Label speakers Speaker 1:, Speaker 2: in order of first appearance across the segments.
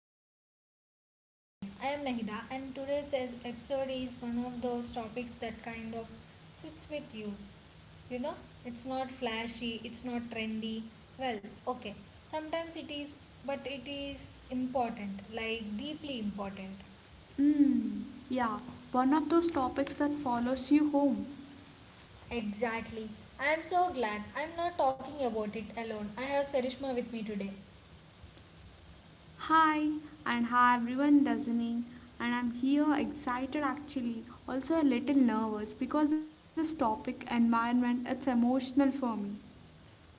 Speaker 1: good to say that again. I am Nahida, and today's episode is one of those topics that kind of sits with you. You know, it's not flashy, it's not trendy. Well, okay, sometimes it is, but it is important, like deeply important.
Speaker 2: Mm, yeah, one of those topics that follows you home.
Speaker 1: Exactly. I am so glad. I am not talking about it alone. I have Sarishma with me today.
Speaker 2: Hi, and hi everyone listening. And I'm here excited actually, also a little nervous because this topic, environment, it's emotional for me.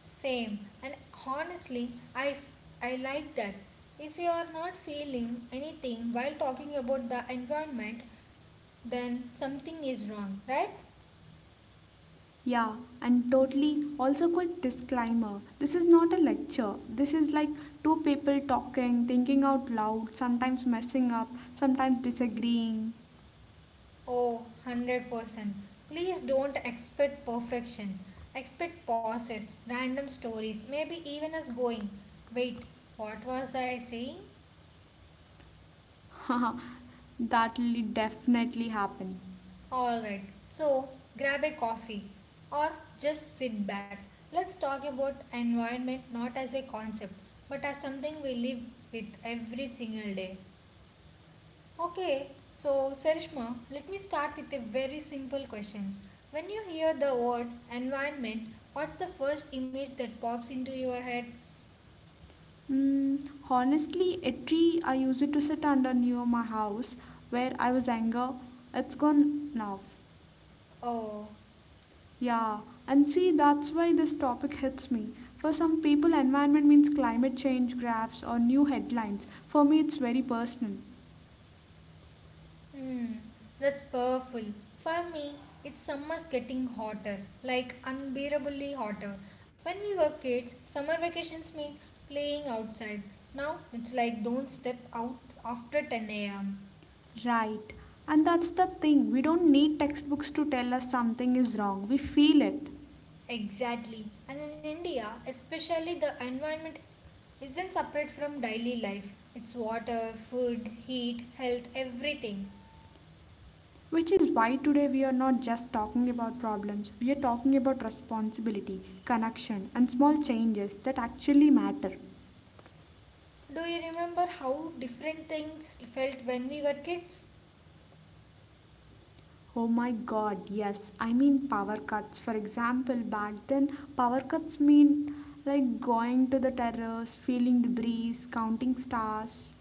Speaker 1: Same. And honestly, I like that. If you are not feeling anything while talking about the environment, then something is wrong, right?
Speaker 2: Yeah, and totally also quick disclaimer. This is not a lecture. This is like two people talking, thinking out loud, sometimes messing up, sometimes disagreeing.
Speaker 1: Oh, 100%. Please don't expect perfection. Expect pauses, random stories, maybe even us going. Wait, what was I saying?
Speaker 2: That'll definitely happen.
Speaker 1: Alright, so grab a coffee or just sit back. Let's talk about environment not as a concept but as something we live with every single day. Okay, so Sarishma, let me start with a very simple question. When you hear the word environment, what's the first image that pops into your head?
Speaker 2: Mm, honestly, a tree I used it to sit under near my house where I was anger. It's gone now.
Speaker 1: Oh.
Speaker 2: Yeah, and see, that's why this topic hits me. For some people, environment means climate change graphs or new headlines. For me, it's very personal.
Speaker 1: Hmm, that's powerful. For me, it's summer's getting hotter, like unbearably hotter. When we were kids, summer vacations meant playing outside. Now it's like don't step out after 10 am.
Speaker 2: Right. And that's the thing. We don't need textbooks to tell us something is wrong. We feel it.
Speaker 1: Exactly. And in India, especially, the environment isn't separate from daily life. It's water, food, heat, health, everything.
Speaker 2: Which is why today we are not just talking about problems, we are talking about responsibility, connection, and small changes that actually matter.
Speaker 1: Do you remember how different things felt when we were kids?
Speaker 2: Oh my god, yes, I mean power cuts. For example, back then, power cuts mean like going to the terrace, feeling the breeze, counting stars.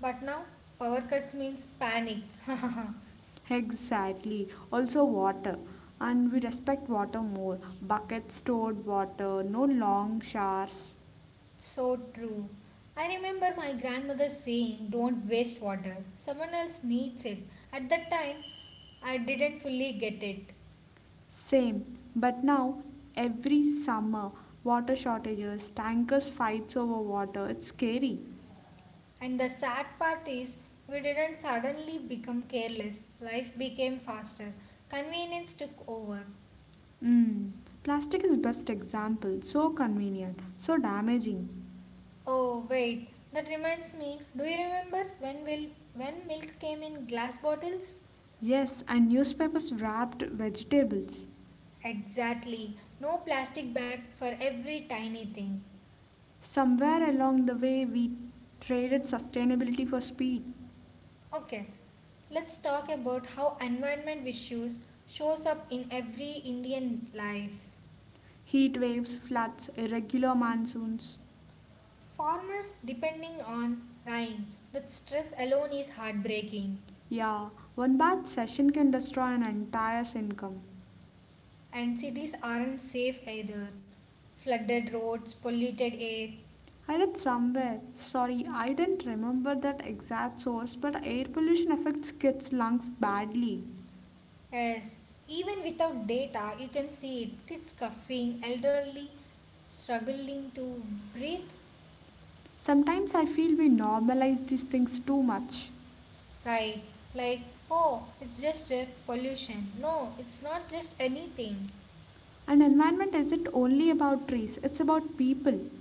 Speaker 1: But now power cuts means panic.
Speaker 2: Exactly, also water. And we respect water more. Buckets stored water, no long showers.
Speaker 1: So true. I remember my grandmother saying, "Don't waste water. Someone else needs it." At that time, I didn't fully get it.
Speaker 2: Same, but now every summer, water shortages, tankers fights over water, it's scary.
Speaker 1: And the sad part is, we didn't suddenly become careless. Life became faster. Convenience took over.
Speaker 2: Mm. Plastic is best example, so convenient, so damaging.
Speaker 1: Oh, wait. That reminds me. Do you remember when milk came in glass bottles?
Speaker 2: Yes, and newspapers wrapped vegetables.
Speaker 1: Exactly. No plastic bag for every tiny thing.
Speaker 2: Somewhere along the way we traded sustainability for speed.
Speaker 1: Okay. Let's talk about how environment issues shows up in every Indian life.
Speaker 2: Heat waves, floods, irregular monsoons.
Speaker 1: Farmers depending on rain. That stress alone is heartbreaking.
Speaker 2: Yeah, one bad session can destroy an entire income.
Speaker 1: And cities aren't safe either. Flooded roads, polluted air.
Speaker 2: I read somewhere. Sorry, I didn't remember that exact source, but air pollution affects kids' lungs badly.
Speaker 1: Yes, even without data, you can see it. Kids coughing, elderly struggling to breathe.
Speaker 2: Sometimes I feel we normalize these things too much.
Speaker 1: Right, like, oh, it's just a pollution. No, it's not just anything.
Speaker 2: And environment isn't only about trees, it's about people.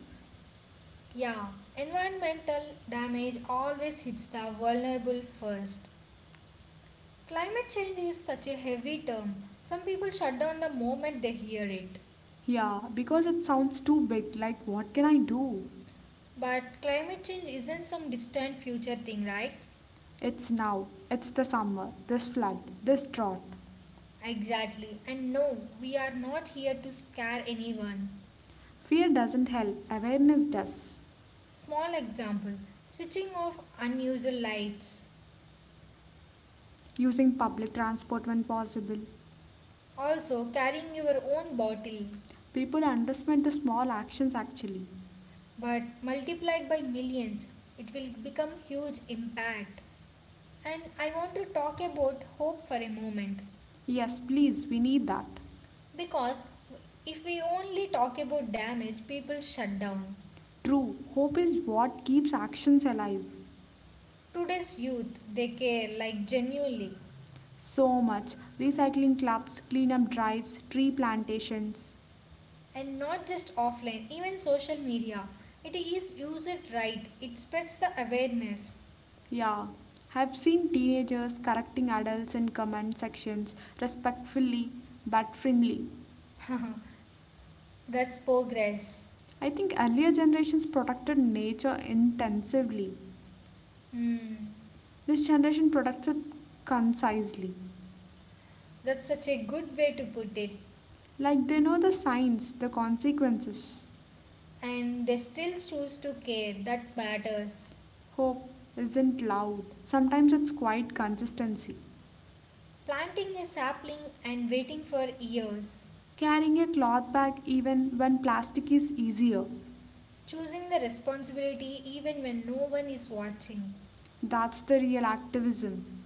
Speaker 1: Yeah, environmental damage always hits the vulnerable first. Climate change is such a heavy term. Some people shut down the moment they hear it.
Speaker 2: Yeah, because it sounds too big, like what can I do?
Speaker 1: But climate change isn't some distant future thing, right?
Speaker 2: It's now, it's the summer, this flood, this drought.
Speaker 1: Exactly. And no, we are not here to scare anyone.
Speaker 2: Fear doesn't help, awareness does.
Speaker 1: Small example, switching off unusual lights.
Speaker 2: Using public transport when possible,
Speaker 1: Also, carrying your own bottle,
Speaker 2: people underestimate the small actions actually.
Speaker 1: but multiplied by millions, it will become huge impact. And I want to talk about hope for a moment
Speaker 2: Yes, please, we need that.
Speaker 1: because if we only talk about damage, people shut down.
Speaker 2: True, hope is what keeps actions alive.
Speaker 1: Today's youth, they care, like genuinely,
Speaker 2: So much recycling clubs, cleanup drives, tree plantations.
Speaker 1: and not just offline, even social media. It is used right, it spreads the awareness.
Speaker 2: Yeah, I've seen teenagers correcting adults in comment sections respectfully but firmly.
Speaker 1: That's progress.
Speaker 2: I think earlier generations protected nature intensively.
Speaker 1: Hmm.
Speaker 2: This generation protects it concisely.
Speaker 1: That's such a good way to put it.
Speaker 2: Like they know the signs, the consequences.
Speaker 1: And they still choose to care that matters.
Speaker 2: Hope isn't loud, sometimes it's quiet consistency.
Speaker 1: Planting a sapling and waiting for years,
Speaker 2: Carrying a cloth bag even when plastic is easier.
Speaker 1: choosing the responsibility even when no one is watching.
Speaker 2: That's the real activism.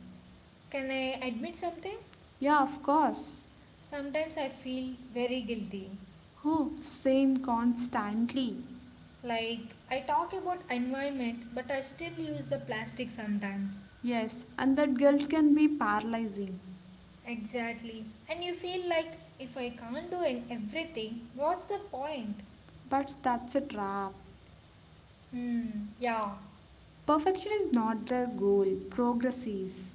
Speaker 1: Can I admit something?
Speaker 2: Yeah, of course.
Speaker 1: Sometimes I feel very guilty.
Speaker 2: Oh, same constantly.
Speaker 1: Like I talk about environment but I still use the plastic sometimes.
Speaker 2: Yes, and that guilt can be paralyzing.
Speaker 1: Exactly. And you feel like if I can't do an everything, what's the point?
Speaker 2: But that's a trap.
Speaker 1: Hmm, yeah.
Speaker 2: Perfection is not the goal, progress is.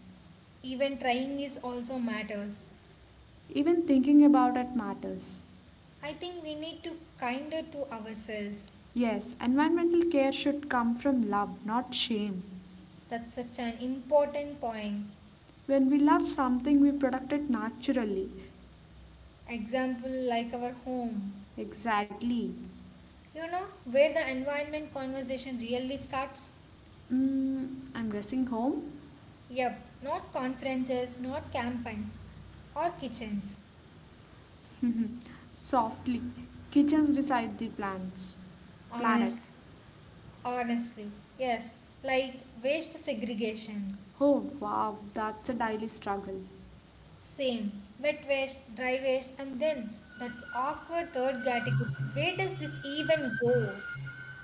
Speaker 1: Even trying is also matters.
Speaker 2: Even thinking about it matters.
Speaker 1: I think we need to be kinder to ourselves.
Speaker 2: Yes, environmental care should come from love, not shame.
Speaker 1: That's such an important point.
Speaker 2: When we love something, we protect it naturally.
Speaker 1: Example like our home.
Speaker 2: Exactly.
Speaker 1: You know where the environment conversation really starts?
Speaker 2: Mm, I'm guessing home?
Speaker 1: Yep, not conferences, not campaigns, or kitchens.
Speaker 2: Softly. Kitchens decide the plans. Planet.
Speaker 1: Honest, honestly, yes, like waste segregation.
Speaker 2: Oh wow, that's a daily struggle.
Speaker 1: Same, wet waste, dry waste, and then that awkward third category. Where does this even go?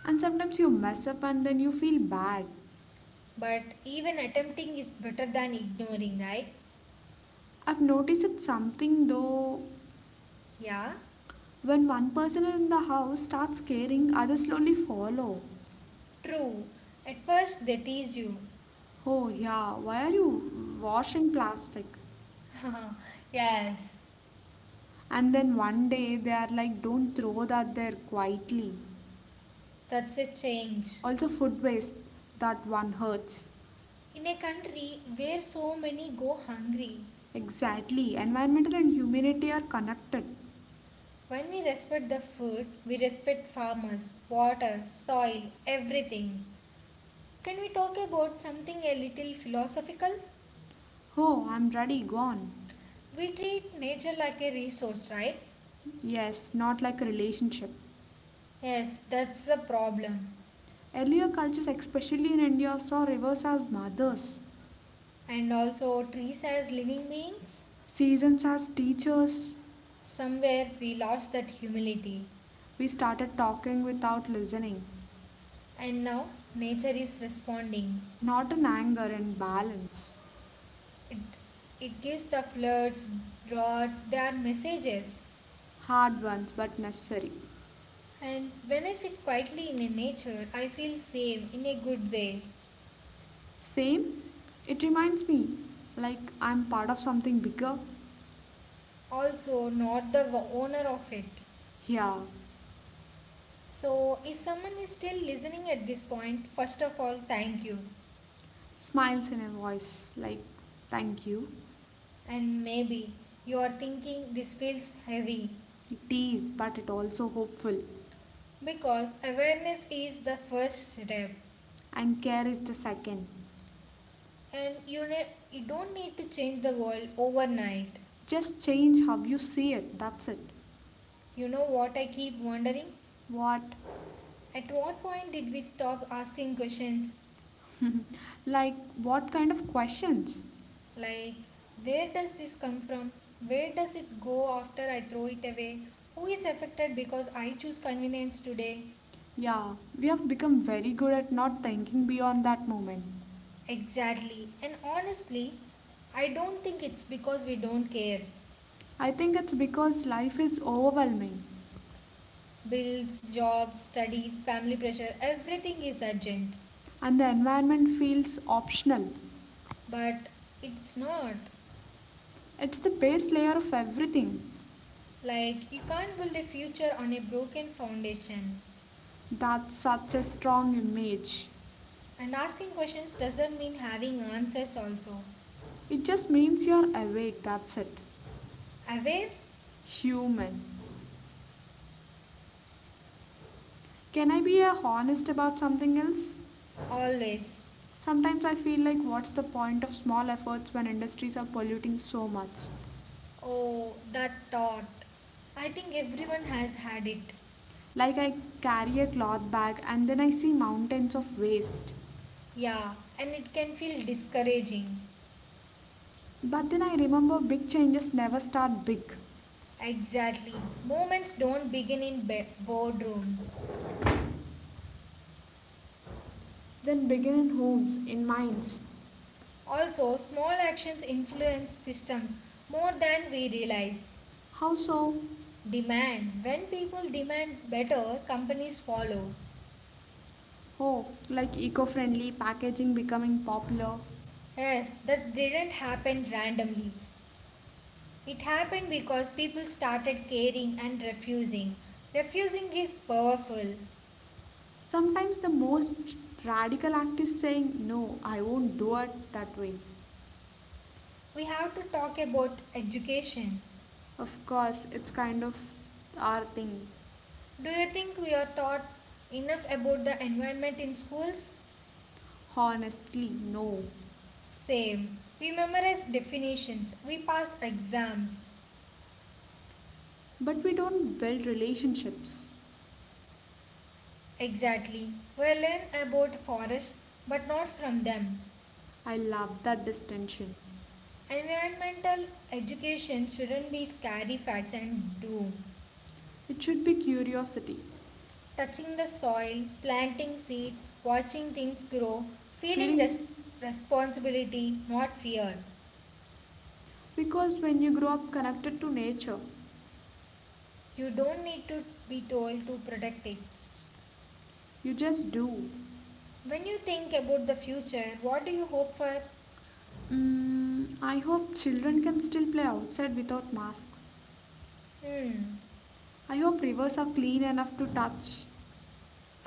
Speaker 2: And sometimes you mess up and then you feel bad.
Speaker 1: But even attempting is better than ignoring, right?
Speaker 2: I've noticed it's something though.
Speaker 1: Yeah,
Speaker 2: When one person in the house starts caring, others slowly follow.
Speaker 1: true. At first they teased you.
Speaker 2: Oh yeah, why are you washing plastic?
Speaker 1: Yes.
Speaker 2: And then one day they are like, don't throw that there quietly.
Speaker 1: That's a change.
Speaker 2: Also, food waste, that one hurts.
Speaker 1: In a country where so many go hungry,
Speaker 2: Exactly, environmental and humanity are connected.
Speaker 1: when we respect the food, we respect farmers, water, soil, everything. Can we talk about something a little philosophical?
Speaker 2: Oh, I'm ready, gone.
Speaker 1: We treat nature like a resource, right?
Speaker 2: Yes, not like a relationship.
Speaker 1: Yes, that's the problem.
Speaker 2: Earlier cultures, especially in India, saw rivers as mothers,
Speaker 1: And also trees as living beings?
Speaker 2: seasons as teachers.
Speaker 1: Somewhere we lost that humility,
Speaker 2: We started talking without listening,
Speaker 1: and now nature is responding.
Speaker 2: not in anger and balance.
Speaker 1: It, it gives the floods, droughts, their messages.
Speaker 2: Hard ones, but necessary.
Speaker 1: And when I sit quietly in a nature, I feel safe in a good way.
Speaker 2: Same, it reminds me like I'm part of something bigger.
Speaker 1: Also, not the owner of it.
Speaker 2: Yeah,
Speaker 1: So, if someone is still listening at this point, first of all, thank you.
Speaker 2: smiles in her voice like thank you.
Speaker 1: And maybe you are thinking this feels heavy
Speaker 2: It is, but it also hopeful.
Speaker 1: because awareness is the first step.
Speaker 2: And care is the second.
Speaker 1: And you don't need to change the world overnight.
Speaker 2: Just change how you see it, that's it.
Speaker 1: You know what I keep wondering?
Speaker 2: What?
Speaker 1: At what point did we stop asking questions
Speaker 2: like, what kind of questions?
Speaker 1: like where does this come from? Where does it go after I throw it away? Who is affected because I choose convenience today?
Speaker 2: Yeah, we have become very good at not thinking beyond that moment.
Speaker 1: Exactly. And honestly, I don't think it's because we don't care.
Speaker 2: I think it's because life is overwhelming
Speaker 1: Bills, jobs, studies, family pressure, everything is urgent.
Speaker 2: and the environment feels optional.
Speaker 1: But it's not.
Speaker 2: It's the base layer of everything.
Speaker 1: Like, you can't build a future on a broken foundation.
Speaker 2: That's such a strong image.
Speaker 1: And asking questions doesn't mean having answers, also.
Speaker 2: It just means you're awake, that's it.
Speaker 1: Aware?
Speaker 2: Human. Can I be honest about something else?
Speaker 1: Always.
Speaker 2: Sometimes I feel like what's the point of small efforts when industries are polluting so much?
Speaker 1: Oh, that thought. I think everyone has had it.
Speaker 2: Like I carry a cloth bag and then I see mountains of waste.
Speaker 1: Yeah, and it can feel discouraging.
Speaker 2: But then I remember big changes never start big.
Speaker 1: Exactly. Moments don't begin in boardrooms.
Speaker 2: Then begin in homes, in minds.
Speaker 1: Also, small actions influence systems more than we realize.
Speaker 2: How so?
Speaker 1: Demand. When people demand better, companies follow.
Speaker 2: Oh, like eco friendly packaging becoming popular.
Speaker 1: Yes, that didn't happen randomly. It happened because people started caring and refusing. Refusing is powerful.
Speaker 2: Sometimes the most radical act is saying, no, I won't do it that way.
Speaker 1: We have to talk about education.
Speaker 2: Of course, it's kind of our thing.
Speaker 1: Do you think we are taught enough about the environment in schools?
Speaker 2: Honestly, no.
Speaker 1: Same. We memorize definitions, we pass exams.
Speaker 2: But we don't build relationships.
Speaker 1: Exactly. We learn about forests but not from them.
Speaker 2: I love that distinction.
Speaker 1: Environmental education shouldn't be scary facts and doom.
Speaker 2: It should be curiosity,
Speaker 1: Touching the soil, planting seeds, watching things grow, feeling
Speaker 2: feeling.
Speaker 1: responsibility, not fear.
Speaker 2: Because when you grow up connected to nature,
Speaker 1: You don't need to be told to protect it.
Speaker 2: you just do.
Speaker 1: When you think about the future, what do you hope for?
Speaker 2: Mm, I hope children can still play outside without masks.
Speaker 1: Hmm,
Speaker 2: I hope rivers are clean enough to touch.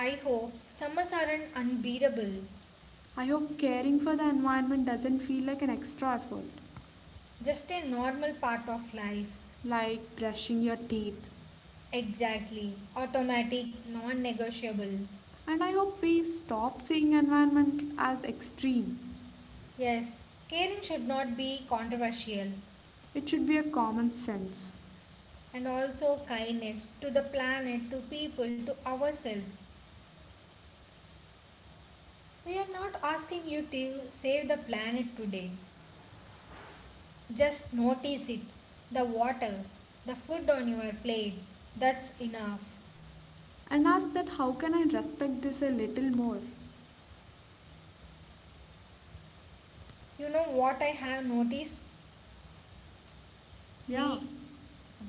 Speaker 1: I hope summers aren't unbearable,
Speaker 2: I hope caring for the environment doesn't feel like an extra effort,
Speaker 1: just a normal part of life.
Speaker 2: like brushing your teeth.
Speaker 1: Exactly, automatic, non negotiable.
Speaker 2: And I hope we stop seeing environment as extreme.
Speaker 1: Yes, caring should not be controversial.
Speaker 2: It should be a common sense.
Speaker 1: And also kindness to the planet, to people, to ourselves. We are not asking you to save the planet today. Just notice it. The water, the food on your plate. That's enough.
Speaker 2: And ask that how can I respect this a little more?
Speaker 1: You know what I have noticed?
Speaker 2: Yeah.
Speaker 1: We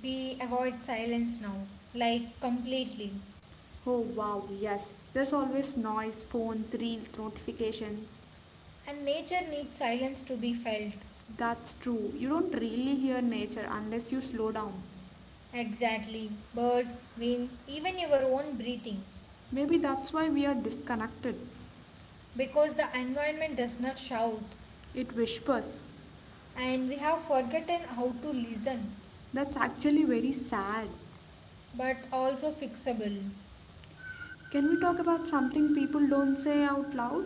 Speaker 1: we avoid silence now, like completely.
Speaker 2: Oh wow, yes. There's always noise, phones, reels, notifications.
Speaker 1: And nature needs silence to be felt.
Speaker 2: That's true. You don't really hear nature unless you slow down.
Speaker 1: Exactly. Birds, wind, even your own breathing.
Speaker 2: Maybe that's why we are disconnected.
Speaker 1: Because the environment does not shout
Speaker 2: It whispers.
Speaker 1: and we have forgotten how to listen
Speaker 2: That's actually very sad.
Speaker 1: but also fixable.
Speaker 2: Can we talk about something people don't say out loud?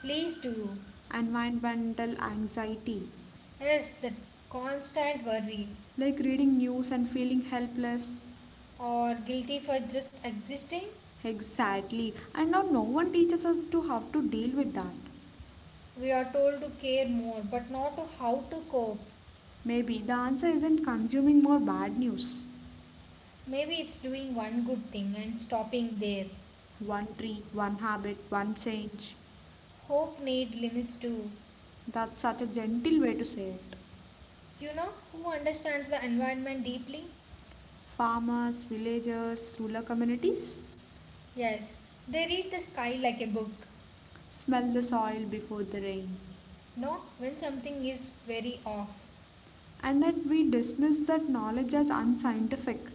Speaker 1: Please do.
Speaker 2: Environmental anxiety.
Speaker 1: Yes, the constant worry
Speaker 2: Like reading news and feeling helpless.
Speaker 1: or guilty for just existing.
Speaker 2: Exactly. And now no one teaches us to how to deal with that.
Speaker 1: We are told to care more but not to how to cope.
Speaker 2: Maybe the answer isn't consuming more bad news.
Speaker 1: Maybe it's doing one good thing and stopping there.
Speaker 2: One tree, one habit, one change.
Speaker 1: Hope need limits too.
Speaker 2: That's such a gentle way to say it.
Speaker 1: You know who understands the environment deeply?
Speaker 2: Farmers, villagers, rural communities
Speaker 1: Yes, they read the sky like a book.
Speaker 2: smell the soil before the rain.
Speaker 1: No, when something is very off.
Speaker 2: And that we dismiss that knowledge as unscientific,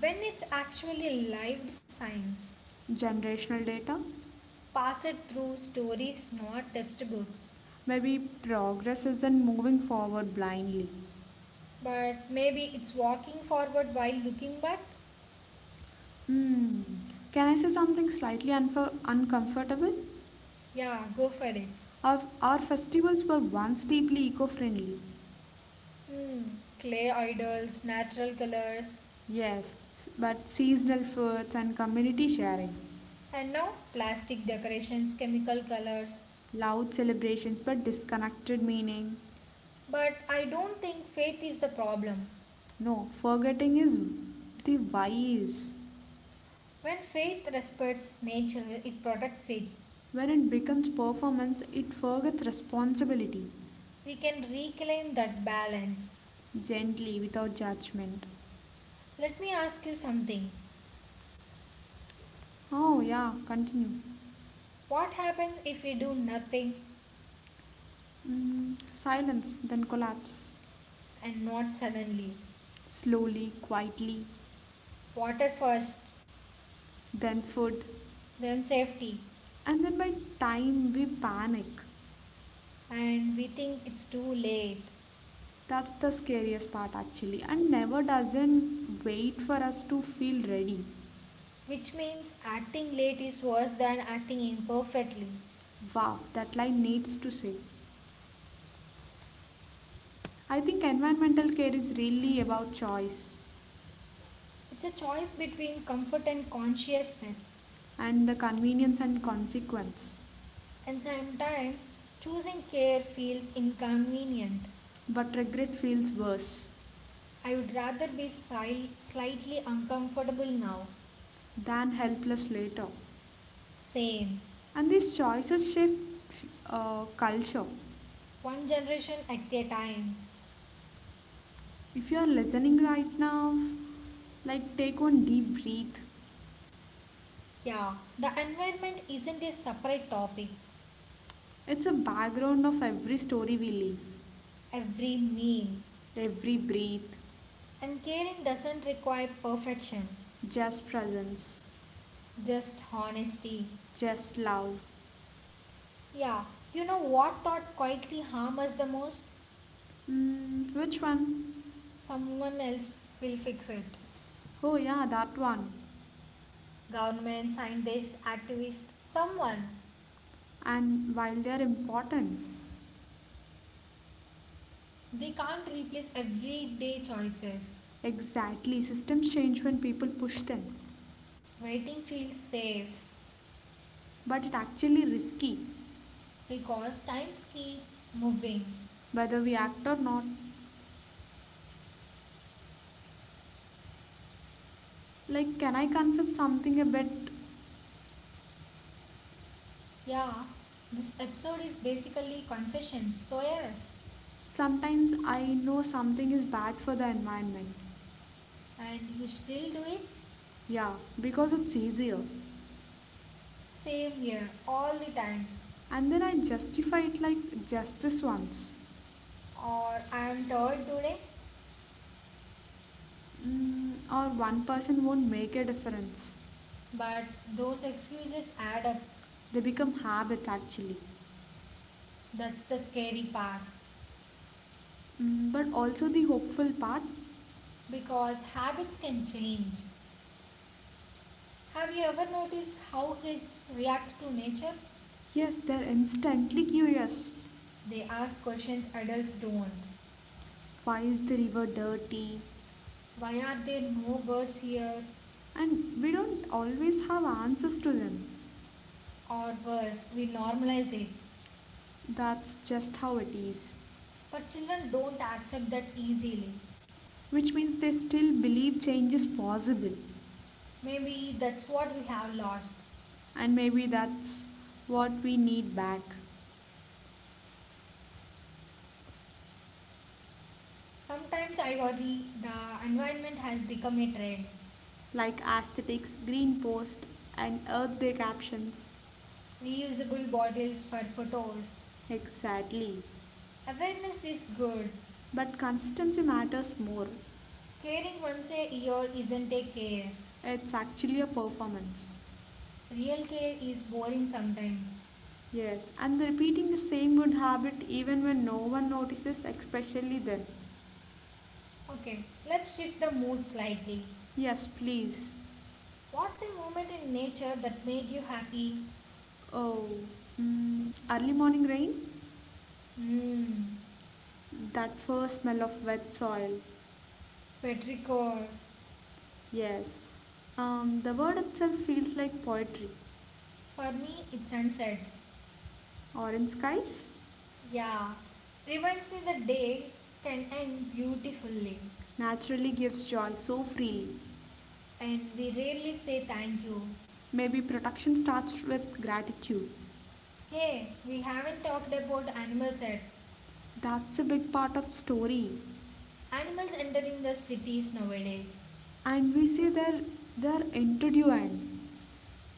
Speaker 1: When it's actually lived science,
Speaker 2: generational data.
Speaker 1: passed through stories, not textbooks.
Speaker 2: Maybe progress isn't moving forward blindly.
Speaker 1: But maybe it's walking forward while looking back?
Speaker 2: Hmm. Can I say something slightly uncomfortable?
Speaker 1: Yeah, go for it.
Speaker 2: Our festivals were once deeply eco friendly.
Speaker 1: Hmm, clay idols, natural colors,
Speaker 2: Yes, but seasonal foods and community sharing.
Speaker 1: and now plastic decorations, chemical colors.
Speaker 2: Loud celebrations but disconnected meaning.
Speaker 1: But I don't think faith is the problem.
Speaker 2: No, forgetting is the wise.
Speaker 1: When faith respects nature, it protects it.
Speaker 2: When it becomes performance, it forgets responsibility.
Speaker 1: We can reclaim that balance.
Speaker 2: Gently, without judgment.
Speaker 1: Let me ask you something.
Speaker 2: Oh, yeah, continue.
Speaker 1: What happens if we do nothing
Speaker 2: Mm, silence, then collapse.
Speaker 1: and not suddenly?
Speaker 2: Slowly, quietly,
Speaker 1: Water first,
Speaker 2: then food.
Speaker 1: then safety,
Speaker 2: And then by time we panic.
Speaker 1: and we think it's too late,
Speaker 2: That's the scariest part actually, and never doesn't wait for us to feel ready.
Speaker 1: which means acting late is worse than acting imperfectly.
Speaker 2: Wow, that line needs to say. I think environmental care is really about choice.
Speaker 1: It's a choice between comfort and consciousness,
Speaker 2: And the convenience and consequence.
Speaker 1: and sometimes choosing care feels inconvenient.
Speaker 2: But regret feels worse
Speaker 1: I would rather be slightly uncomfortable now.
Speaker 2: than helpless later.
Speaker 1: Same,
Speaker 2: And these choices shape culture.
Speaker 1: one generation at a time.
Speaker 2: If you are listening right now, like take one deep breath.
Speaker 1: Yeah, the environment isn't a separate topic.
Speaker 2: It's a background of every story we live,
Speaker 1: Every meal
Speaker 2: every breath,
Speaker 1: and caring doesn't require perfection,
Speaker 2: just presence,
Speaker 1: just honesty.
Speaker 2: just love.
Speaker 1: Yeah, you know what thought quietly harm us the most?
Speaker 2: Mm, which one?
Speaker 1: Someone else will fix it.
Speaker 2: Oh, yeah, that one.
Speaker 1: Government, scientists, activists, someone.
Speaker 2: And while they are important,
Speaker 1: They can't replace everyday choices.
Speaker 2: exactly, systems change when people push them,
Speaker 1: Waiting feels safe
Speaker 2: but it actually risky
Speaker 1: because times keep moving.
Speaker 2: whether we act or not. Like, can I confess something a bit?
Speaker 1: Yeah, this episode is basically confessions. So yes.
Speaker 2: Sometimes I know something is bad for the environment.
Speaker 1: And you still do it?
Speaker 2: Yeah, because it's easier.
Speaker 1: Same here, all the time.
Speaker 2: And then I justify it like justice once.
Speaker 1: Or I'm tired today.
Speaker 2: Mm, or one person won't make a difference.
Speaker 1: But those excuses add up.
Speaker 2: They become habits actually.
Speaker 1: That's the scary part.
Speaker 2: Mm, but also the hopeful part.
Speaker 1: Because habits can change. Have you ever noticed how kids react to nature?
Speaker 2: Yes, they're instantly curious.
Speaker 1: They ask questions adults don't.
Speaker 2: Why is the river dirty?
Speaker 1: Why are there no birds here?
Speaker 2: And we don't always have answers to them.
Speaker 1: Or worse, we normalize it.
Speaker 2: That's just how it is.
Speaker 1: But children don't accept that easily.
Speaker 2: Which means they still believe change is possible.
Speaker 1: Maybe that's what we have lost.
Speaker 2: And maybe that's what we need back.
Speaker 1: Sometimes I worry the environment has become a trend.
Speaker 2: Like aesthetics, green post, and earth day captions.
Speaker 1: Reusable bottles for photos.
Speaker 2: Exactly.
Speaker 1: Awareness is good.
Speaker 2: But consistency matters more.
Speaker 1: Caring once a year isn't a care.
Speaker 2: It's actually a performance.
Speaker 1: Real care is boring sometimes.
Speaker 2: Yes, and repeating the same good habit even when no one notices, especially then.
Speaker 1: Okay, let's shift the mood slightly.
Speaker 2: Yes, please.
Speaker 1: What's a moment in nature that made you happy?
Speaker 2: Oh, mm, early morning rain?
Speaker 1: Hmm,
Speaker 2: That first smell of wet soil.
Speaker 1: petrichor.
Speaker 2: Yes. The word itself feels like poetry.
Speaker 1: For me, it's sunsets.
Speaker 2: Orange skies
Speaker 1: Yeah, reminds me the day can end beautifully.
Speaker 2: naturally gives joy so freely.
Speaker 1: And we rarely say thank you.
Speaker 2: Maybe protection starts with gratitude.
Speaker 1: Hey, we haven't talked about animals yet.
Speaker 2: That's a big part of story.
Speaker 1: Animals entering the cities nowadays,
Speaker 2: And we see they're interviewing.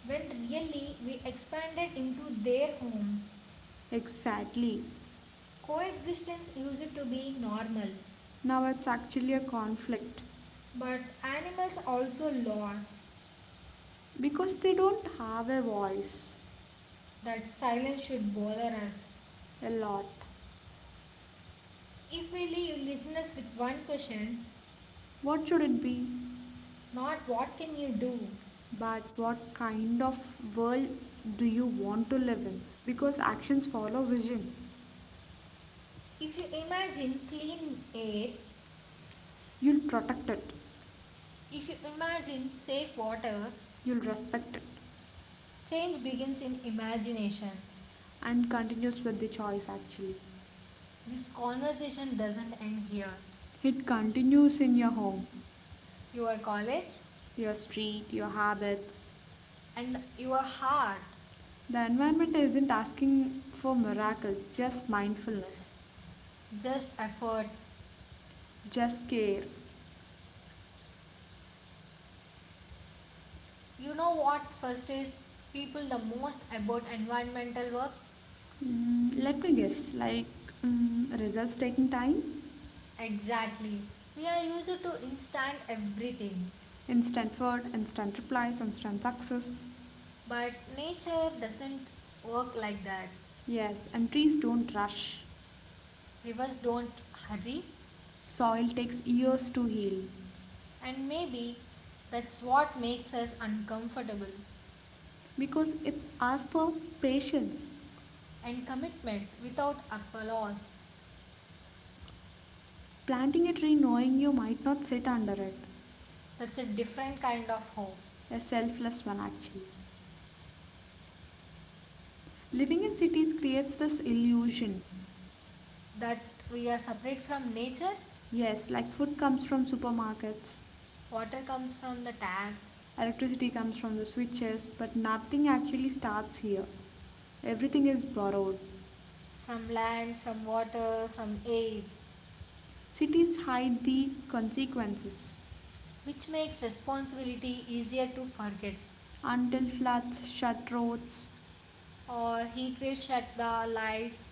Speaker 1: when really we expanded into their homes.
Speaker 2: Exactly.
Speaker 1: Coexistence used to be normal,
Speaker 2: Now it's actually a conflict
Speaker 1: but animals also lost.
Speaker 2: because they don't have a voice
Speaker 1: That silence should bother us.
Speaker 2: a lot.
Speaker 1: If we leave listeners with one question,
Speaker 2: What should it be?
Speaker 1: not what can you do?
Speaker 2: But what kind of world do you want to live in? Because actions follow vision.
Speaker 1: If you imagine clean air,
Speaker 2: You'll protect it,
Speaker 1: if you imagine safe water,
Speaker 2: you'll respect it,
Speaker 1: change begins in imagination.
Speaker 2: and continues with the choice actually.
Speaker 1: This conversation doesn't end here.
Speaker 2: It continues in your home,
Speaker 1: Your college
Speaker 2: your street, your habits.
Speaker 1: and your heart,
Speaker 2: The environment isn't asking for miracles, just mindfulness,
Speaker 1: just effort.
Speaker 2: just care.
Speaker 1: You know what frustrates people the most about environmental work?
Speaker 2: Mm, let me guess, like mm, results taking time?
Speaker 1: Exactly. We are used to instant everything,
Speaker 2: Instant word, instant replies, instant success.
Speaker 1: but nature doesn't work like that.
Speaker 2: Yes, and trees don't rush.
Speaker 1: Rivers don't hurry,
Speaker 2: Soil takes years to heal
Speaker 1: and maybe that's what makes us uncomfortable
Speaker 2: because it's asked for patience.
Speaker 1: and commitment without applause.
Speaker 2: Planting a tree knowing you might not sit under it.
Speaker 1: That's a different kind of hope
Speaker 2: A selfless one, actually. Living in cities creates this illusion.
Speaker 1: that we are separate from nature.
Speaker 2: Yes, like food comes from supermarkets,
Speaker 1: Water comes from the taps,
Speaker 2: electricity comes from the switches, but nothing actually starts here. Everything is borrowed.
Speaker 1: from land, from water, from air,
Speaker 2: Cities hide the consequences.
Speaker 1: which makes responsibility easier to forget.
Speaker 2: Until floods shut roads.
Speaker 1: Or heat waves shut the lives.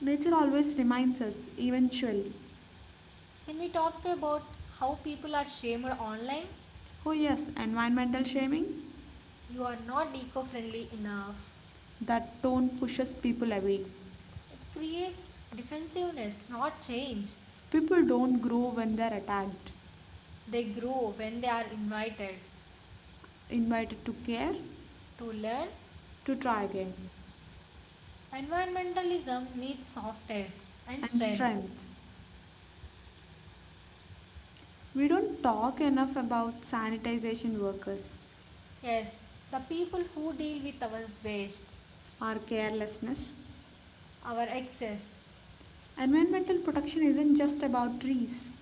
Speaker 2: Nature always reminds us, eventually.
Speaker 1: Can we talk about how people are shamed online?
Speaker 2: Oh, yes, environmental shaming?
Speaker 1: You are not eco friendly enough.
Speaker 2: That tone pushes people away.
Speaker 1: It creates defensiveness, not change.
Speaker 2: People don't grow when they're attacked,
Speaker 1: They grow when they are invited
Speaker 2: invited to care,
Speaker 1: to learn.
Speaker 2: to try again.
Speaker 1: Environmentalism needs softness and
Speaker 2: And
Speaker 1: strength.
Speaker 2: strength. We don't talk enough about sanitization workers,
Speaker 1: Yes, the people who deal with our waste,
Speaker 2: our carelessness.
Speaker 1: our excess,
Speaker 2: Environmental protection isn't just about trees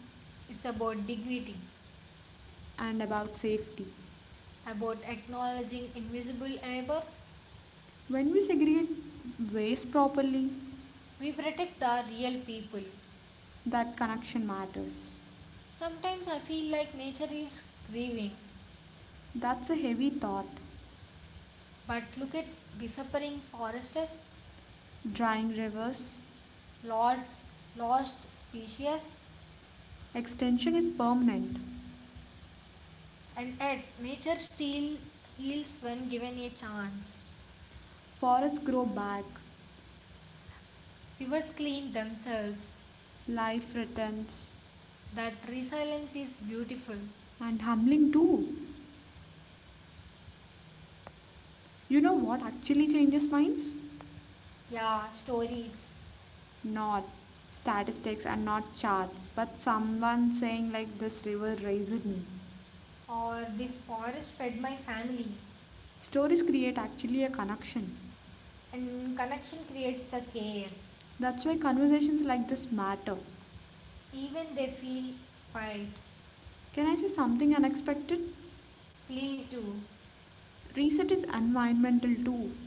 Speaker 1: it's about dignity,
Speaker 2: and about safety.
Speaker 1: about acknowledging invisible labor.
Speaker 2: When we segregate waste properly,
Speaker 1: We protect the real people.
Speaker 2: that connection matters.
Speaker 1: Sometimes I feel like nature is grieving,
Speaker 2: That's a heavy thought.
Speaker 1: but look at disappearing forests,
Speaker 2: Drying rivers,
Speaker 1: lots, lost species,
Speaker 2: extension is permanent.
Speaker 1: and yet nature still heals when given a chance.
Speaker 2: Forests grow back,
Speaker 1: Rivers clean themselves.
Speaker 2: life returns,
Speaker 1: That resilience is beautiful.
Speaker 2: and humbling too. You know what actually changes minds?
Speaker 1: Yeah, stories.
Speaker 2: Not statistics and not charts, but someone saying, like, this river raised me.
Speaker 1: Or this forest fed my family.
Speaker 2: Stories create actually a connection.
Speaker 1: And connection creates the care.
Speaker 2: That's why conversations like this matter.
Speaker 1: Even they feel quiet.
Speaker 2: Can I say something unexpected?
Speaker 1: Please do.
Speaker 2: Reset is environmental too.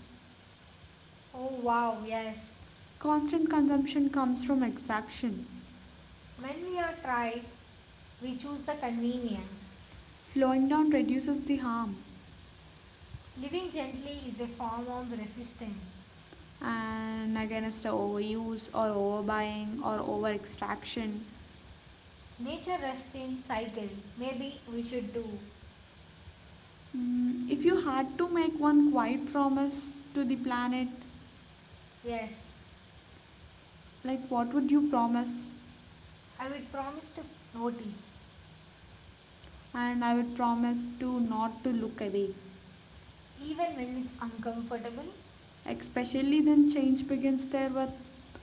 Speaker 1: Oh wow, yes.
Speaker 2: Constant consumption comes from extraction.
Speaker 1: When we are tried, we choose the convenience.
Speaker 2: Slowing down reduces the harm.
Speaker 1: Living gently is a form of resistance.
Speaker 2: And against the overuse or overbuying or overextraction.
Speaker 1: Nature rests in cycle. Maybe we should do.
Speaker 2: If you had to make one quiet promise to the planet,
Speaker 1: Yes,
Speaker 2: like what would you promise?
Speaker 1: I will promise to notice.
Speaker 2: And I would promise to not to look away.
Speaker 1: Even when it's uncomfortable,
Speaker 2: Especially then change begins there with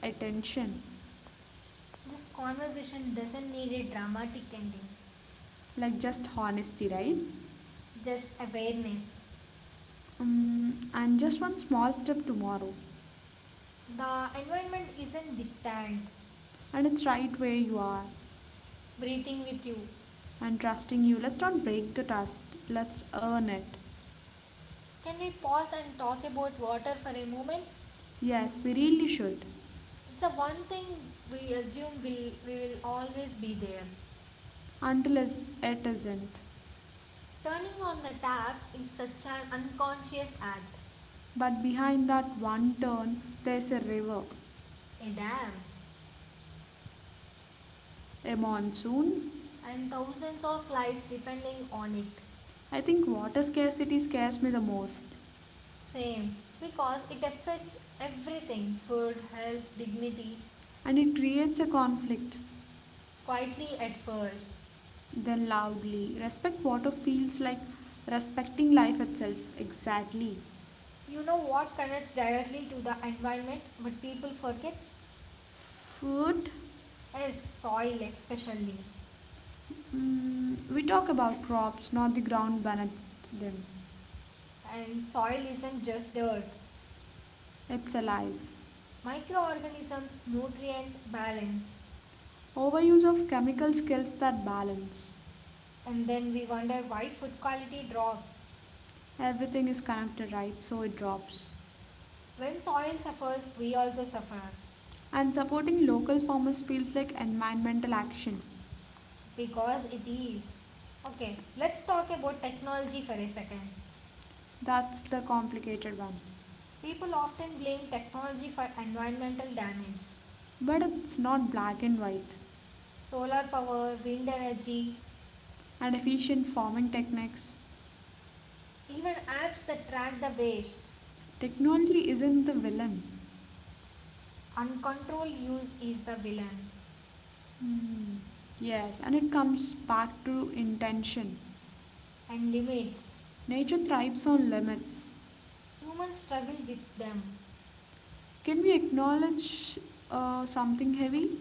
Speaker 2: attention.
Speaker 1: this conversation doesn't need a dramatic ending,
Speaker 2: Like just honesty, right?
Speaker 1: just awareness.
Speaker 2: And just one small step tomorrow.
Speaker 1: The environment isn't distant.
Speaker 2: And it's right where you are.
Speaker 1: Breathing with you.
Speaker 2: And trusting you. Let's not break the trust. Let's earn it.
Speaker 1: Can we pause and talk about water for a moment?
Speaker 2: Yes, we really should.
Speaker 1: It's the one thing we assume will we will always be there.
Speaker 2: It isn't.
Speaker 1: Turning on the tap is such an unconscious act,
Speaker 2: But behind that one turn, there's a river,
Speaker 1: a dam,
Speaker 2: a monsoon.
Speaker 1: and thousands of lives depending on it.
Speaker 2: I think water scarcity scares me the most.
Speaker 1: Same, because it affects everything food, health, dignity,
Speaker 2: And it creates a conflict.
Speaker 1: quietly at first.
Speaker 2: Then loudly, respect water feels like respecting life itself. Exactly.
Speaker 1: You know what connects directly to the environment, but people forget
Speaker 2: Food,
Speaker 1: is soil, especially.
Speaker 2: we talk about crops, not the ground beneath them.
Speaker 1: And soil isn't just dirt,
Speaker 2: It's alive.
Speaker 1: microorganisms, nutrients, balance.
Speaker 2: Overuse of chemicals kills that balance.
Speaker 1: And then we wonder why food quality drops.
Speaker 2: Everything is connected, right? So it drops.
Speaker 1: When soil suffers, we also suffer
Speaker 2: And supporting local farmers feels like environmental action.
Speaker 1: because it is. Okay, let's talk about technology for a second.
Speaker 2: That's the complicated one.
Speaker 1: People often blame technology for environmental damage.
Speaker 2: But it's not black and white.
Speaker 1: Solar power, wind energy,
Speaker 2: And efficient farming techniques.
Speaker 1: even apps that track the waste,
Speaker 2: Technology isn't the villain.
Speaker 1: uncontrolled use is the villain,
Speaker 2: Hmm. Yes, and it comes back to intention.
Speaker 1: and limits.
Speaker 2: Nature thrives on limits.
Speaker 1: Humans struggle with them.
Speaker 2: Can we acknowledge something heavy?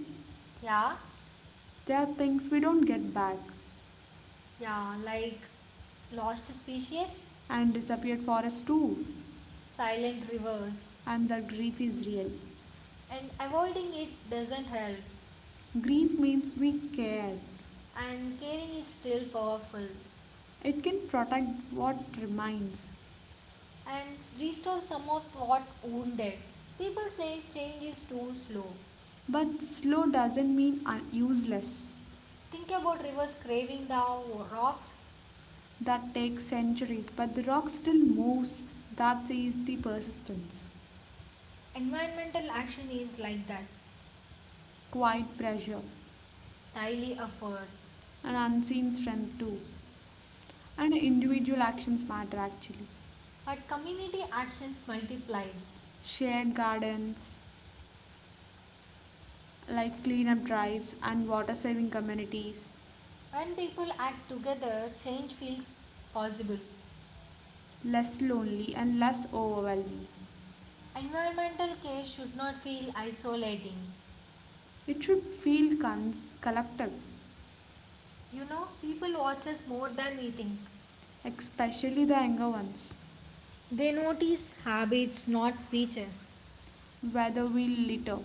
Speaker 1: Yeah,
Speaker 2: There are things we don't get back,
Speaker 1: yeah, like lost species,
Speaker 2: and disappeared for us too.
Speaker 1: silent rivers,
Speaker 2: And that grief is real.
Speaker 1: and avoiding it doesn't help.
Speaker 2: Grief means we care.
Speaker 1: And caring is still powerful,
Speaker 2: It can protect what remains.
Speaker 1: and restore some of what wounded. People say change is too slow.
Speaker 2: But slow doesn't mean useless.
Speaker 1: Think about rivers craving the rocks.
Speaker 2: That takes centuries, but the rock still moves. That is the persistence.
Speaker 1: Environmental action is like that,
Speaker 2: Quiet pressure,
Speaker 1: entirely effort,
Speaker 2: and unseen strength too. And individual actions matter actually.
Speaker 1: but community actions multiply.
Speaker 2: Shared gardens, like cleanup drives and water saving communities,
Speaker 1: When people act together, change feels possible.
Speaker 2: less lonely and less overwhelming.
Speaker 1: Environmental care should not feel isolating.
Speaker 2: It should feel collective,
Speaker 1: You know, people watch us more than we think.
Speaker 2: especially the younger ones.
Speaker 1: They notice habits, not speeches.
Speaker 2: Whether we litter,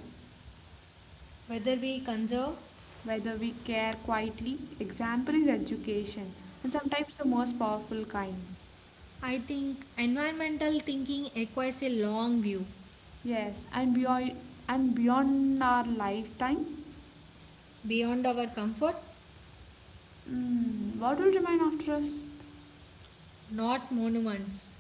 Speaker 1: Whether we conserve,
Speaker 2: whether we care quietly, example is education, and sometimes the most powerful kind.
Speaker 1: I think environmental thinking requires a long view,
Speaker 2: Yes, and beyond our lifetime,
Speaker 1: beyond our comfort,
Speaker 2: what will remain after us?
Speaker 1: not monuments.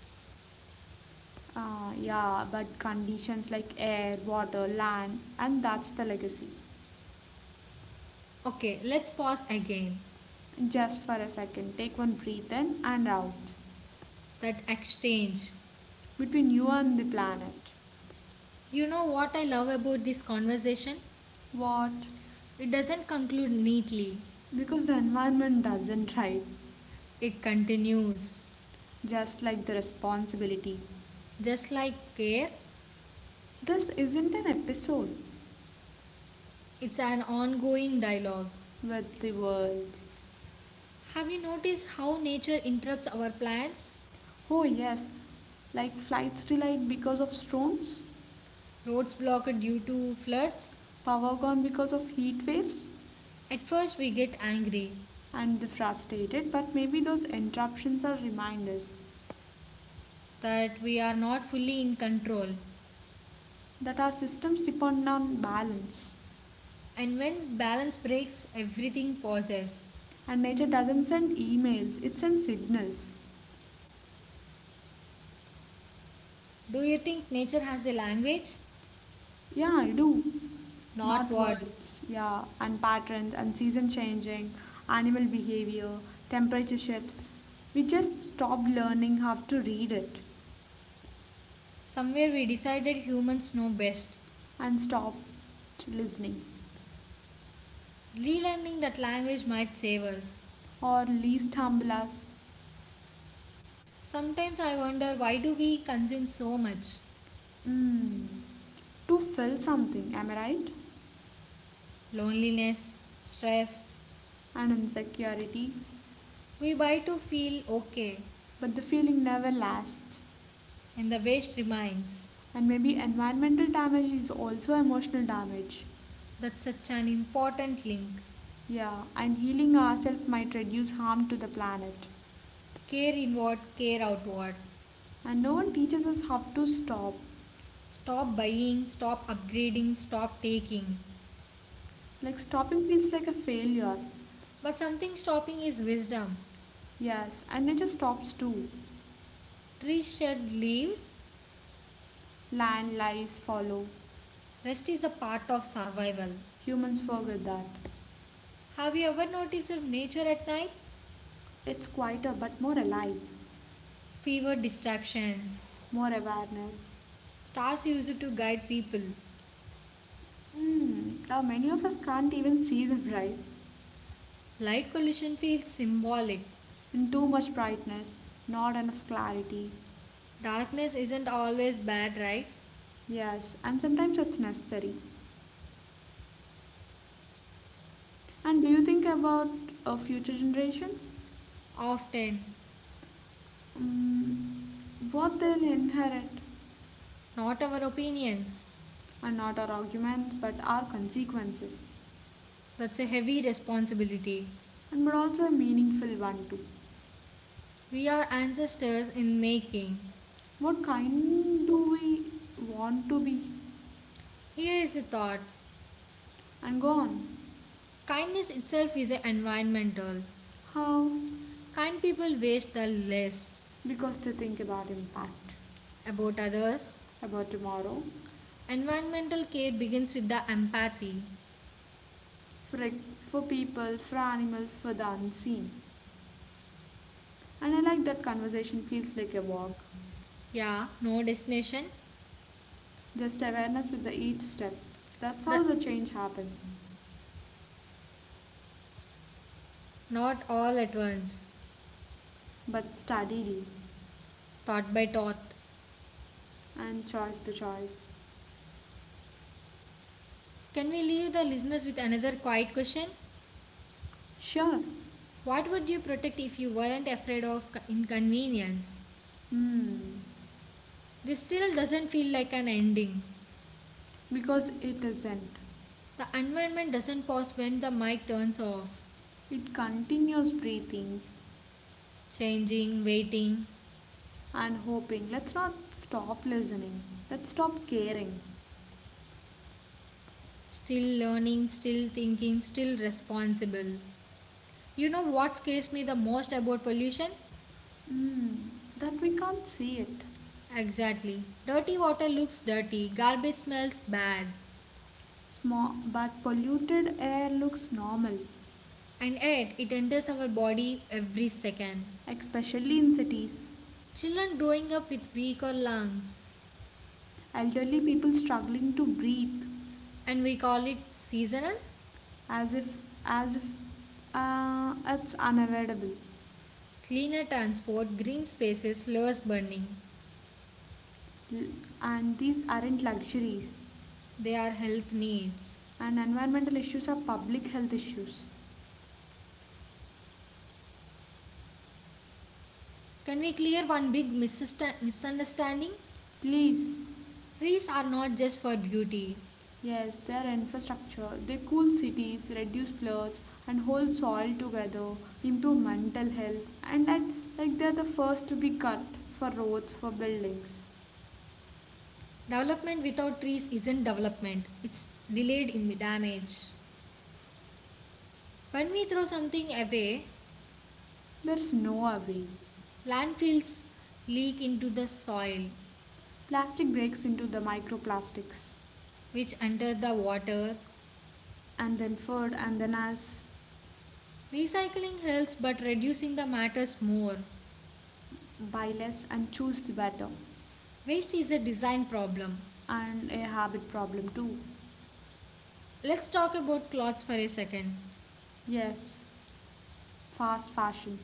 Speaker 2: Yeah, but conditions like air, water, land, and that's the legacy.
Speaker 1: Okay, let's pause again.
Speaker 2: Just for a second, take one breath in and out.
Speaker 1: That exchange.
Speaker 2: Between you and the planet.
Speaker 1: You know what I love about this conversation?
Speaker 2: What?
Speaker 1: It doesn't conclude neatly,
Speaker 2: Because the environment doesn't, right?
Speaker 1: it continues.
Speaker 2: Just like the responsibility.
Speaker 1: Just like care,
Speaker 2: This isn't an episode
Speaker 1: it's an ongoing dialogue.
Speaker 2: with the world.
Speaker 1: Have you noticed how nature interrupts our plans?
Speaker 2: Oh, yes, like flights delayed because of storms,
Speaker 1: Roads blocked due to floods?
Speaker 2: power gone because of heat waves,
Speaker 1: At first, we get angry
Speaker 2: and the frustrated. But maybe those interruptions are reminders
Speaker 1: that we are not fully in control.
Speaker 2: that our systems depend on balance.
Speaker 1: And when balance breaks, everything pauses.
Speaker 2: And nature doesn't send emails, it sends signals.
Speaker 1: Do you think nature has a language?
Speaker 2: Yeah, I do.
Speaker 1: Not
Speaker 2: Not
Speaker 1: words.
Speaker 2: words, yeah, and patterns and season changing, animal behavior, temperature shifts. We just stopped learning how to read it
Speaker 1: Somewhere we decided humans know best.
Speaker 2: and stopped listening.
Speaker 1: Relearning that language might save us.
Speaker 2: Or least humble.
Speaker 1: Sometimes I wonder why do we consume so much?
Speaker 2: mm, to fill something, am I right?
Speaker 1: Loneliness, stress.
Speaker 2: And insecurity.
Speaker 1: We buy to feel okay
Speaker 2: But the feeling never lasts.
Speaker 1: and the waste remains.
Speaker 2: And maybe environmental damage is also emotional damage.
Speaker 1: That's such an important link.
Speaker 2: Yeah, and healing ourselves might reduce harm to the planet.
Speaker 1: Care inward, care outward.
Speaker 2: And no one teaches us how to stop.
Speaker 1: Stop buying, stop upgrading, stop taking.
Speaker 2: Like stopping feels like a failure.
Speaker 1: But something stopping is wisdom.
Speaker 2: Yes, and nature stops too.
Speaker 1: Trees shed leaves,
Speaker 2: Land lies follow.
Speaker 1: rest is a part of survival.
Speaker 2: Humans forget that.
Speaker 1: Have you ever noticed nature at night?
Speaker 2: It's quieter but more alive.
Speaker 1: Fewer distractions,
Speaker 2: More awareness.
Speaker 1: stars used to guide people.
Speaker 2: Hmm. Now, many of us can't even see them, right?
Speaker 1: Light pollution feels symbolic.
Speaker 2: And too much brightness, not enough clarity.
Speaker 1: Darkness isn't always bad, right?
Speaker 2: Yes, and sometimes it's necessary. And do you think about future generations?
Speaker 1: Often.
Speaker 2: Um, what they'll inherit,
Speaker 1: Not our opinions.
Speaker 2: and not our arguments, but our consequences,
Speaker 1: That's a heavy responsibility.
Speaker 2: and but also a meaningful one too.
Speaker 1: We are ancestors in making.
Speaker 2: What kind do we want to be?
Speaker 1: Here is a thought,
Speaker 2: And go on.
Speaker 1: kindness itself is a environmental.
Speaker 2: How?
Speaker 1: Kind people waste the less
Speaker 2: Because they think about impact,
Speaker 1: about others.
Speaker 2: about tomorrow,
Speaker 1: Environmental care begins with the empathy.
Speaker 2: for, for people, for animals, for the unseen. And I like that conversation feels like a walk,
Speaker 1: Yeah, no destination,
Speaker 2: just awareness with the each step. That's
Speaker 1: the
Speaker 2: how the change happens,
Speaker 1: not all at once,
Speaker 2: but steadily
Speaker 1: thought by thought.
Speaker 2: and choice by choice.
Speaker 1: Can we leave the listeners with another quiet question?
Speaker 2: Sure.
Speaker 1: What would you protect if you weren't afraid of inconvenience?
Speaker 2: Hmm.
Speaker 1: This still doesn't feel like an ending.
Speaker 2: Because it isn't.
Speaker 1: The environment doesn't pause when the mic turns off.
Speaker 2: It continues breathing
Speaker 1: Changing, waiting,
Speaker 2: and hoping. Let's not stop listening. Let's stop caring.
Speaker 1: still learning, still thinking, still responsible. You know what scares me the most about pollution?
Speaker 2: Mm, that we can't see it.
Speaker 1: Exactly. Dirty water looks dirty, garbage smells bad,
Speaker 2: Small but polluted air looks normal,
Speaker 1: and yet it enters our body every second.
Speaker 2: especially in cities.
Speaker 1: Children growing up with weaker lungs,
Speaker 2: Elderly people struggling to breathe
Speaker 1: and we call it seasonal,
Speaker 2: as if as if it's unavoidable.
Speaker 1: cleaner transport, green spaces, less burning.
Speaker 2: L- And these aren't luxuries.
Speaker 1: They are health needs.
Speaker 2: And environmental issues are public health issues.
Speaker 1: Can we clear one big misunderstanding?
Speaker 2: Please.
Speaker 1: Trees are not just for beauty.
Speaker 2: Yes, their infrastructure, they cool cities, reduce floods, and hold soil together, improve mental health, and at, like they're the first to be cut for roads for buildings.
Speaker 1: Development without trees isn't development, it's delayed in damage. When we throw something away,
Speaker 2: There's no away.
Speaker 1: landfills leak into the soil,
Speaker 2: Plastic breaks into the microplastics,
Speaker 1: which enter the water.
Speaker 2: and then food, and then as
Speaker 1: Recycling helps, but reducing the matters more.
Speaker 2: buy less and choose the better,
Speaker 1: Waste is a design problem.
Speaker 2: and a habit problem too.
Speaker 1: Let's talk about clothes for a second.
Speaker 2: Yes, fast fashion,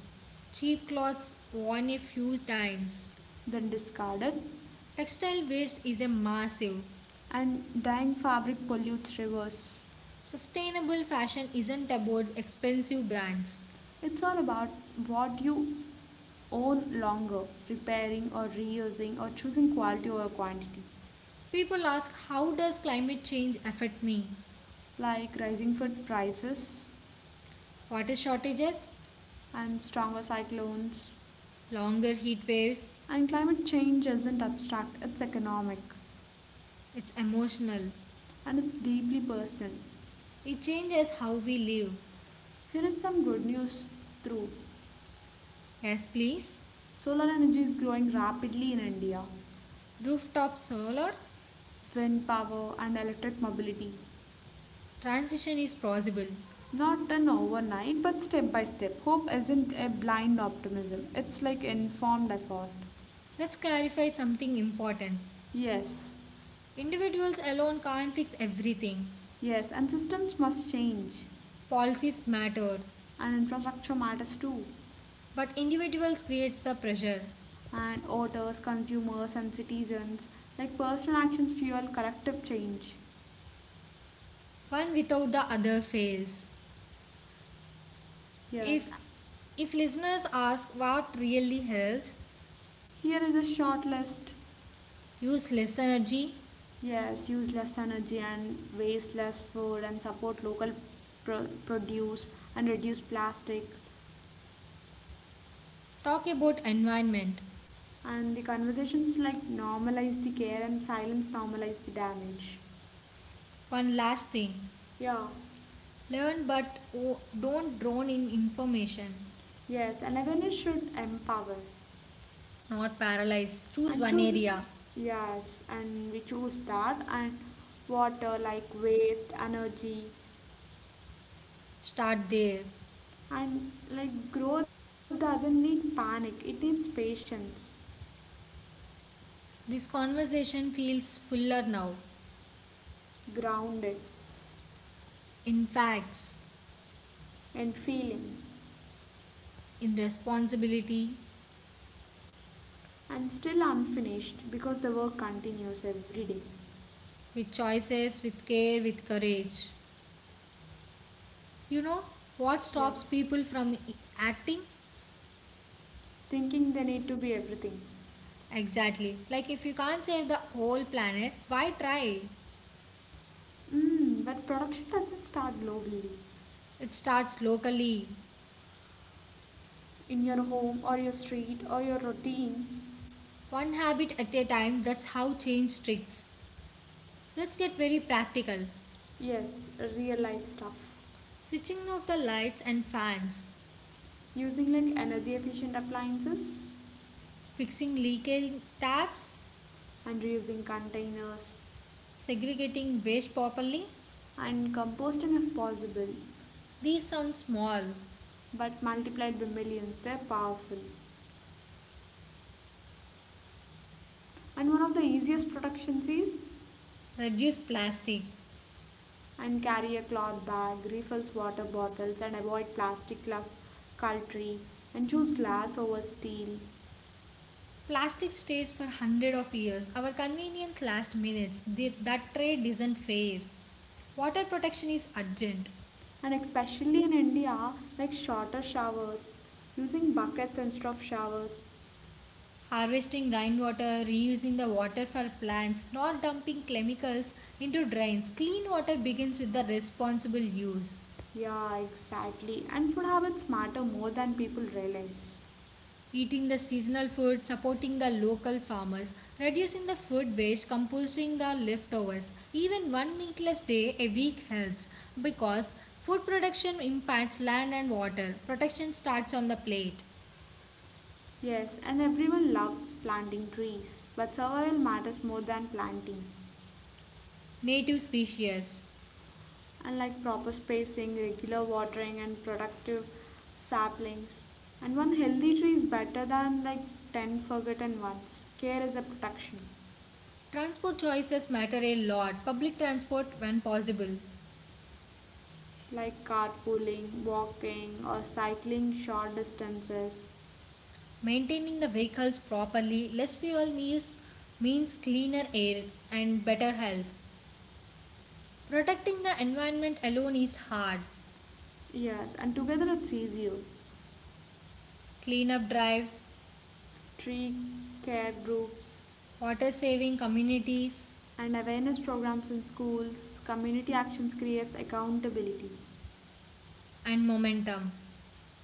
Speaker 1: Cheap clothes worn a few times.
Speaker 2: then discarded,
Speaker 1: Textile waste is a massive.
Speaker 2: and dying fabric pollutes rivers.
Speaker 1: Sustainable fashion isn't about expensive brands.
Speaker 2: It's all about what you own longer, repairing or reusing or choosing quality over quantity,
Speaker 1: People ask how does climate change affect me?
Speaker 2: like rising food prices
Speaker 1: Water shortages,
Speaker 2: and stronger cyclones.
Speaker 1: longer heat waves.
Speaker 2: And climate change isn't abstract, it's economic
Speaker 1: It's emotional.
Speaker 2: and it's deeply personal.
Speaker 1: It changes how we live.
Speaker 2: Here is some good news through
Speaker 1: Yes, please.
Speaker 2: solar energy is growing rapidly in India,
Speaker 1: Rooftop solar
Speaker 2: wind power, and electric mobility.
Speaker 1: transition is possible.
Speaker 2: Not done overnight, but step by step. Hope isn't a blind optimism, it's like informed effort.
Speaker 1: Let's clarify something important.
Speaker 2: Yes,
Speaker 1: Individuals alone can't fix everything.
Speaker 2: yes, and systems must change,
Speaker 1: Policies matter,
Speaker 2: and infrastructure matters too.
Speaker 1: but individuals creates the pressure.
Speaker 2: And voters, consumers, and citizens, like personal actions, fuel collective change.
Speaker 1: One without the other fails.
Speaker 2: Yes,
Speaker 1: If if listeners ask what really helps,
Speaker 2: here is a short list.
Speaker 1: use less energy,
Speaker 2: Yes, use less energy and waste less food and support local produce and reduce plastic.
Speaker 1: talk about environment.
Speaker 2: And the conversations like normalize the care and silence normalize the damage.
Speaker 1: One last thing,
Speaker 2: Yeah,
Speaker 1: learn but don't drown in information.
Speaker 2: yes, and awareness should empower
Speaker 1: Not paralyze. Choose
Speaker 2: and
Speaker 1: one
Speaker 2: choose.
Speaker 1: area.
Speaker 2: Yes, and we choose that and water like waste, energy,
Speaker 1: Start there.
Speaker 2: and like growth doesn't need panic, it needs patience,
Speaker 1: This conversation feels fuller now.
Speaker 2: grounded,
Speaker 1: In facts,
Speaker 2: and feeling,
Speaker 1: in responsibility,
Speaker 2: and still unfinished because the work continues every day.
Speaker 1: with choices, with care, with courage. You know what
Speaker 2: Yeah,
Speaker 1: stops people from acting?
Speaker 2: thinking they need to be everything.
Speaker 1: Exactly. Like if you can't save the whole planet, why try?
Speaker 2: But production doesn't start globally.
Speaker 1: It starts locally,
Speaker 2: In your home or your street or your routine.
Speaker 1: one habit at a time. That's how change sticks. Let's get very practical.
Speaker 2: Yes, real life stuff.
Speaker 1: Switching off the lights and fans,
Speaker 2: Using like energy efficient appliances
Speaker 1: fixing leaking taps,
Speaker 2: and reusing containers
Speaker 1: segregating waste properly.
Speaker 2: and composting if possible.
Speaker 1: These sound small.
Speaker 2: But multiplied by millions, they're powerful. And one of the easiest productions is
Speaker 1: Reduce plastic.
Speaker 2: and carry a cloth bag, refills water bottles and avoid plastic glass cutlery and choose glass over steel
Speaker 1: Plastic stays for hundred of years. Our convenience lasts minutes. That trade isn't fair. Water protection is urgent.
Speaker 2: and especially in India, like shorter showers, using buckets instead of showers.
Speaker 1: Harvesting rainwater, reusing the water for plants, not dumping chemicals into drains. Clean water begins with the responsible use.
Speaker 2: Yeah, exactly. And food habits matter more than people realize.
Speaker 1: Eating the seasonal food, supporting the local farmers, reducing the food waste, composting the leftovers. Even one meatless day a week helps because food production impacts land and water. Protection starts on the plate.
Speaker 2: Yes, and everyone loves planting trees, but survival matters more than planting.
Speaker 1: Native species.
Speaker 2: And like proper spacing, regular watering, and productive saplings. And one healthy tree is better than like 10 forgotten ones. Care is a protection.
Speaker 1: Transport choices matter a lot. Public transport when possible.
Speaker 2: Like carpooling, walking, or cycling short distances.
Speaker 1: Maintaining the vehicles properly, less fuel use means cleaner air and better health. Protecting the environment alone is hard,
Speaker 2: Yes, and together it's easier.
Speaker 1: cleanup drives,
Speaker 2: Tree care groups
Speaker 1: water saving communities,
Speaker 2: and awareness programs in schools, community actions creates accountability.
Speaker 1: and momentum.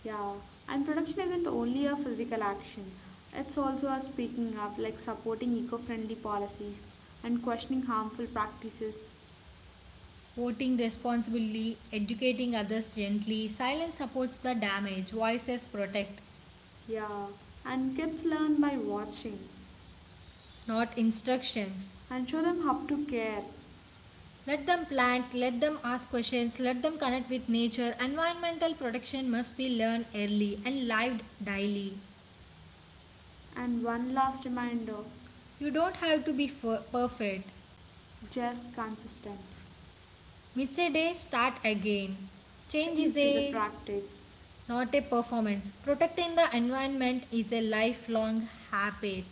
Speaker 2: Yeah, and production isn't only a physical action, it's also a speaking up, like supporting eco friendly policies and questioning harmful practices.
Speaker 1: Voting responsibly, educating others gently, silence supports the damage, voices protect,
Speaker 2: Yeah, and kids learn by watching
Speaker 1: not instructions.
Speaker 2: and show them how to care.
Speaker 1: Let them plant, let them ask questions, let them connect with nature. Environmental protection must be learned early and lived daily.
Speaker 2: And one last reminder,
Speaker 1: You don't have to be perfect.
Speaker 2: just consistent.
Speaker 1: Miss a day, start again. Change
Speaker 2: Change
Speaker 1: is
Speaker 2: is a
Speaker 1: a
Speaker 2: practice.
Speaker 1: not a performance. Protecting the environment is a lifelong habit.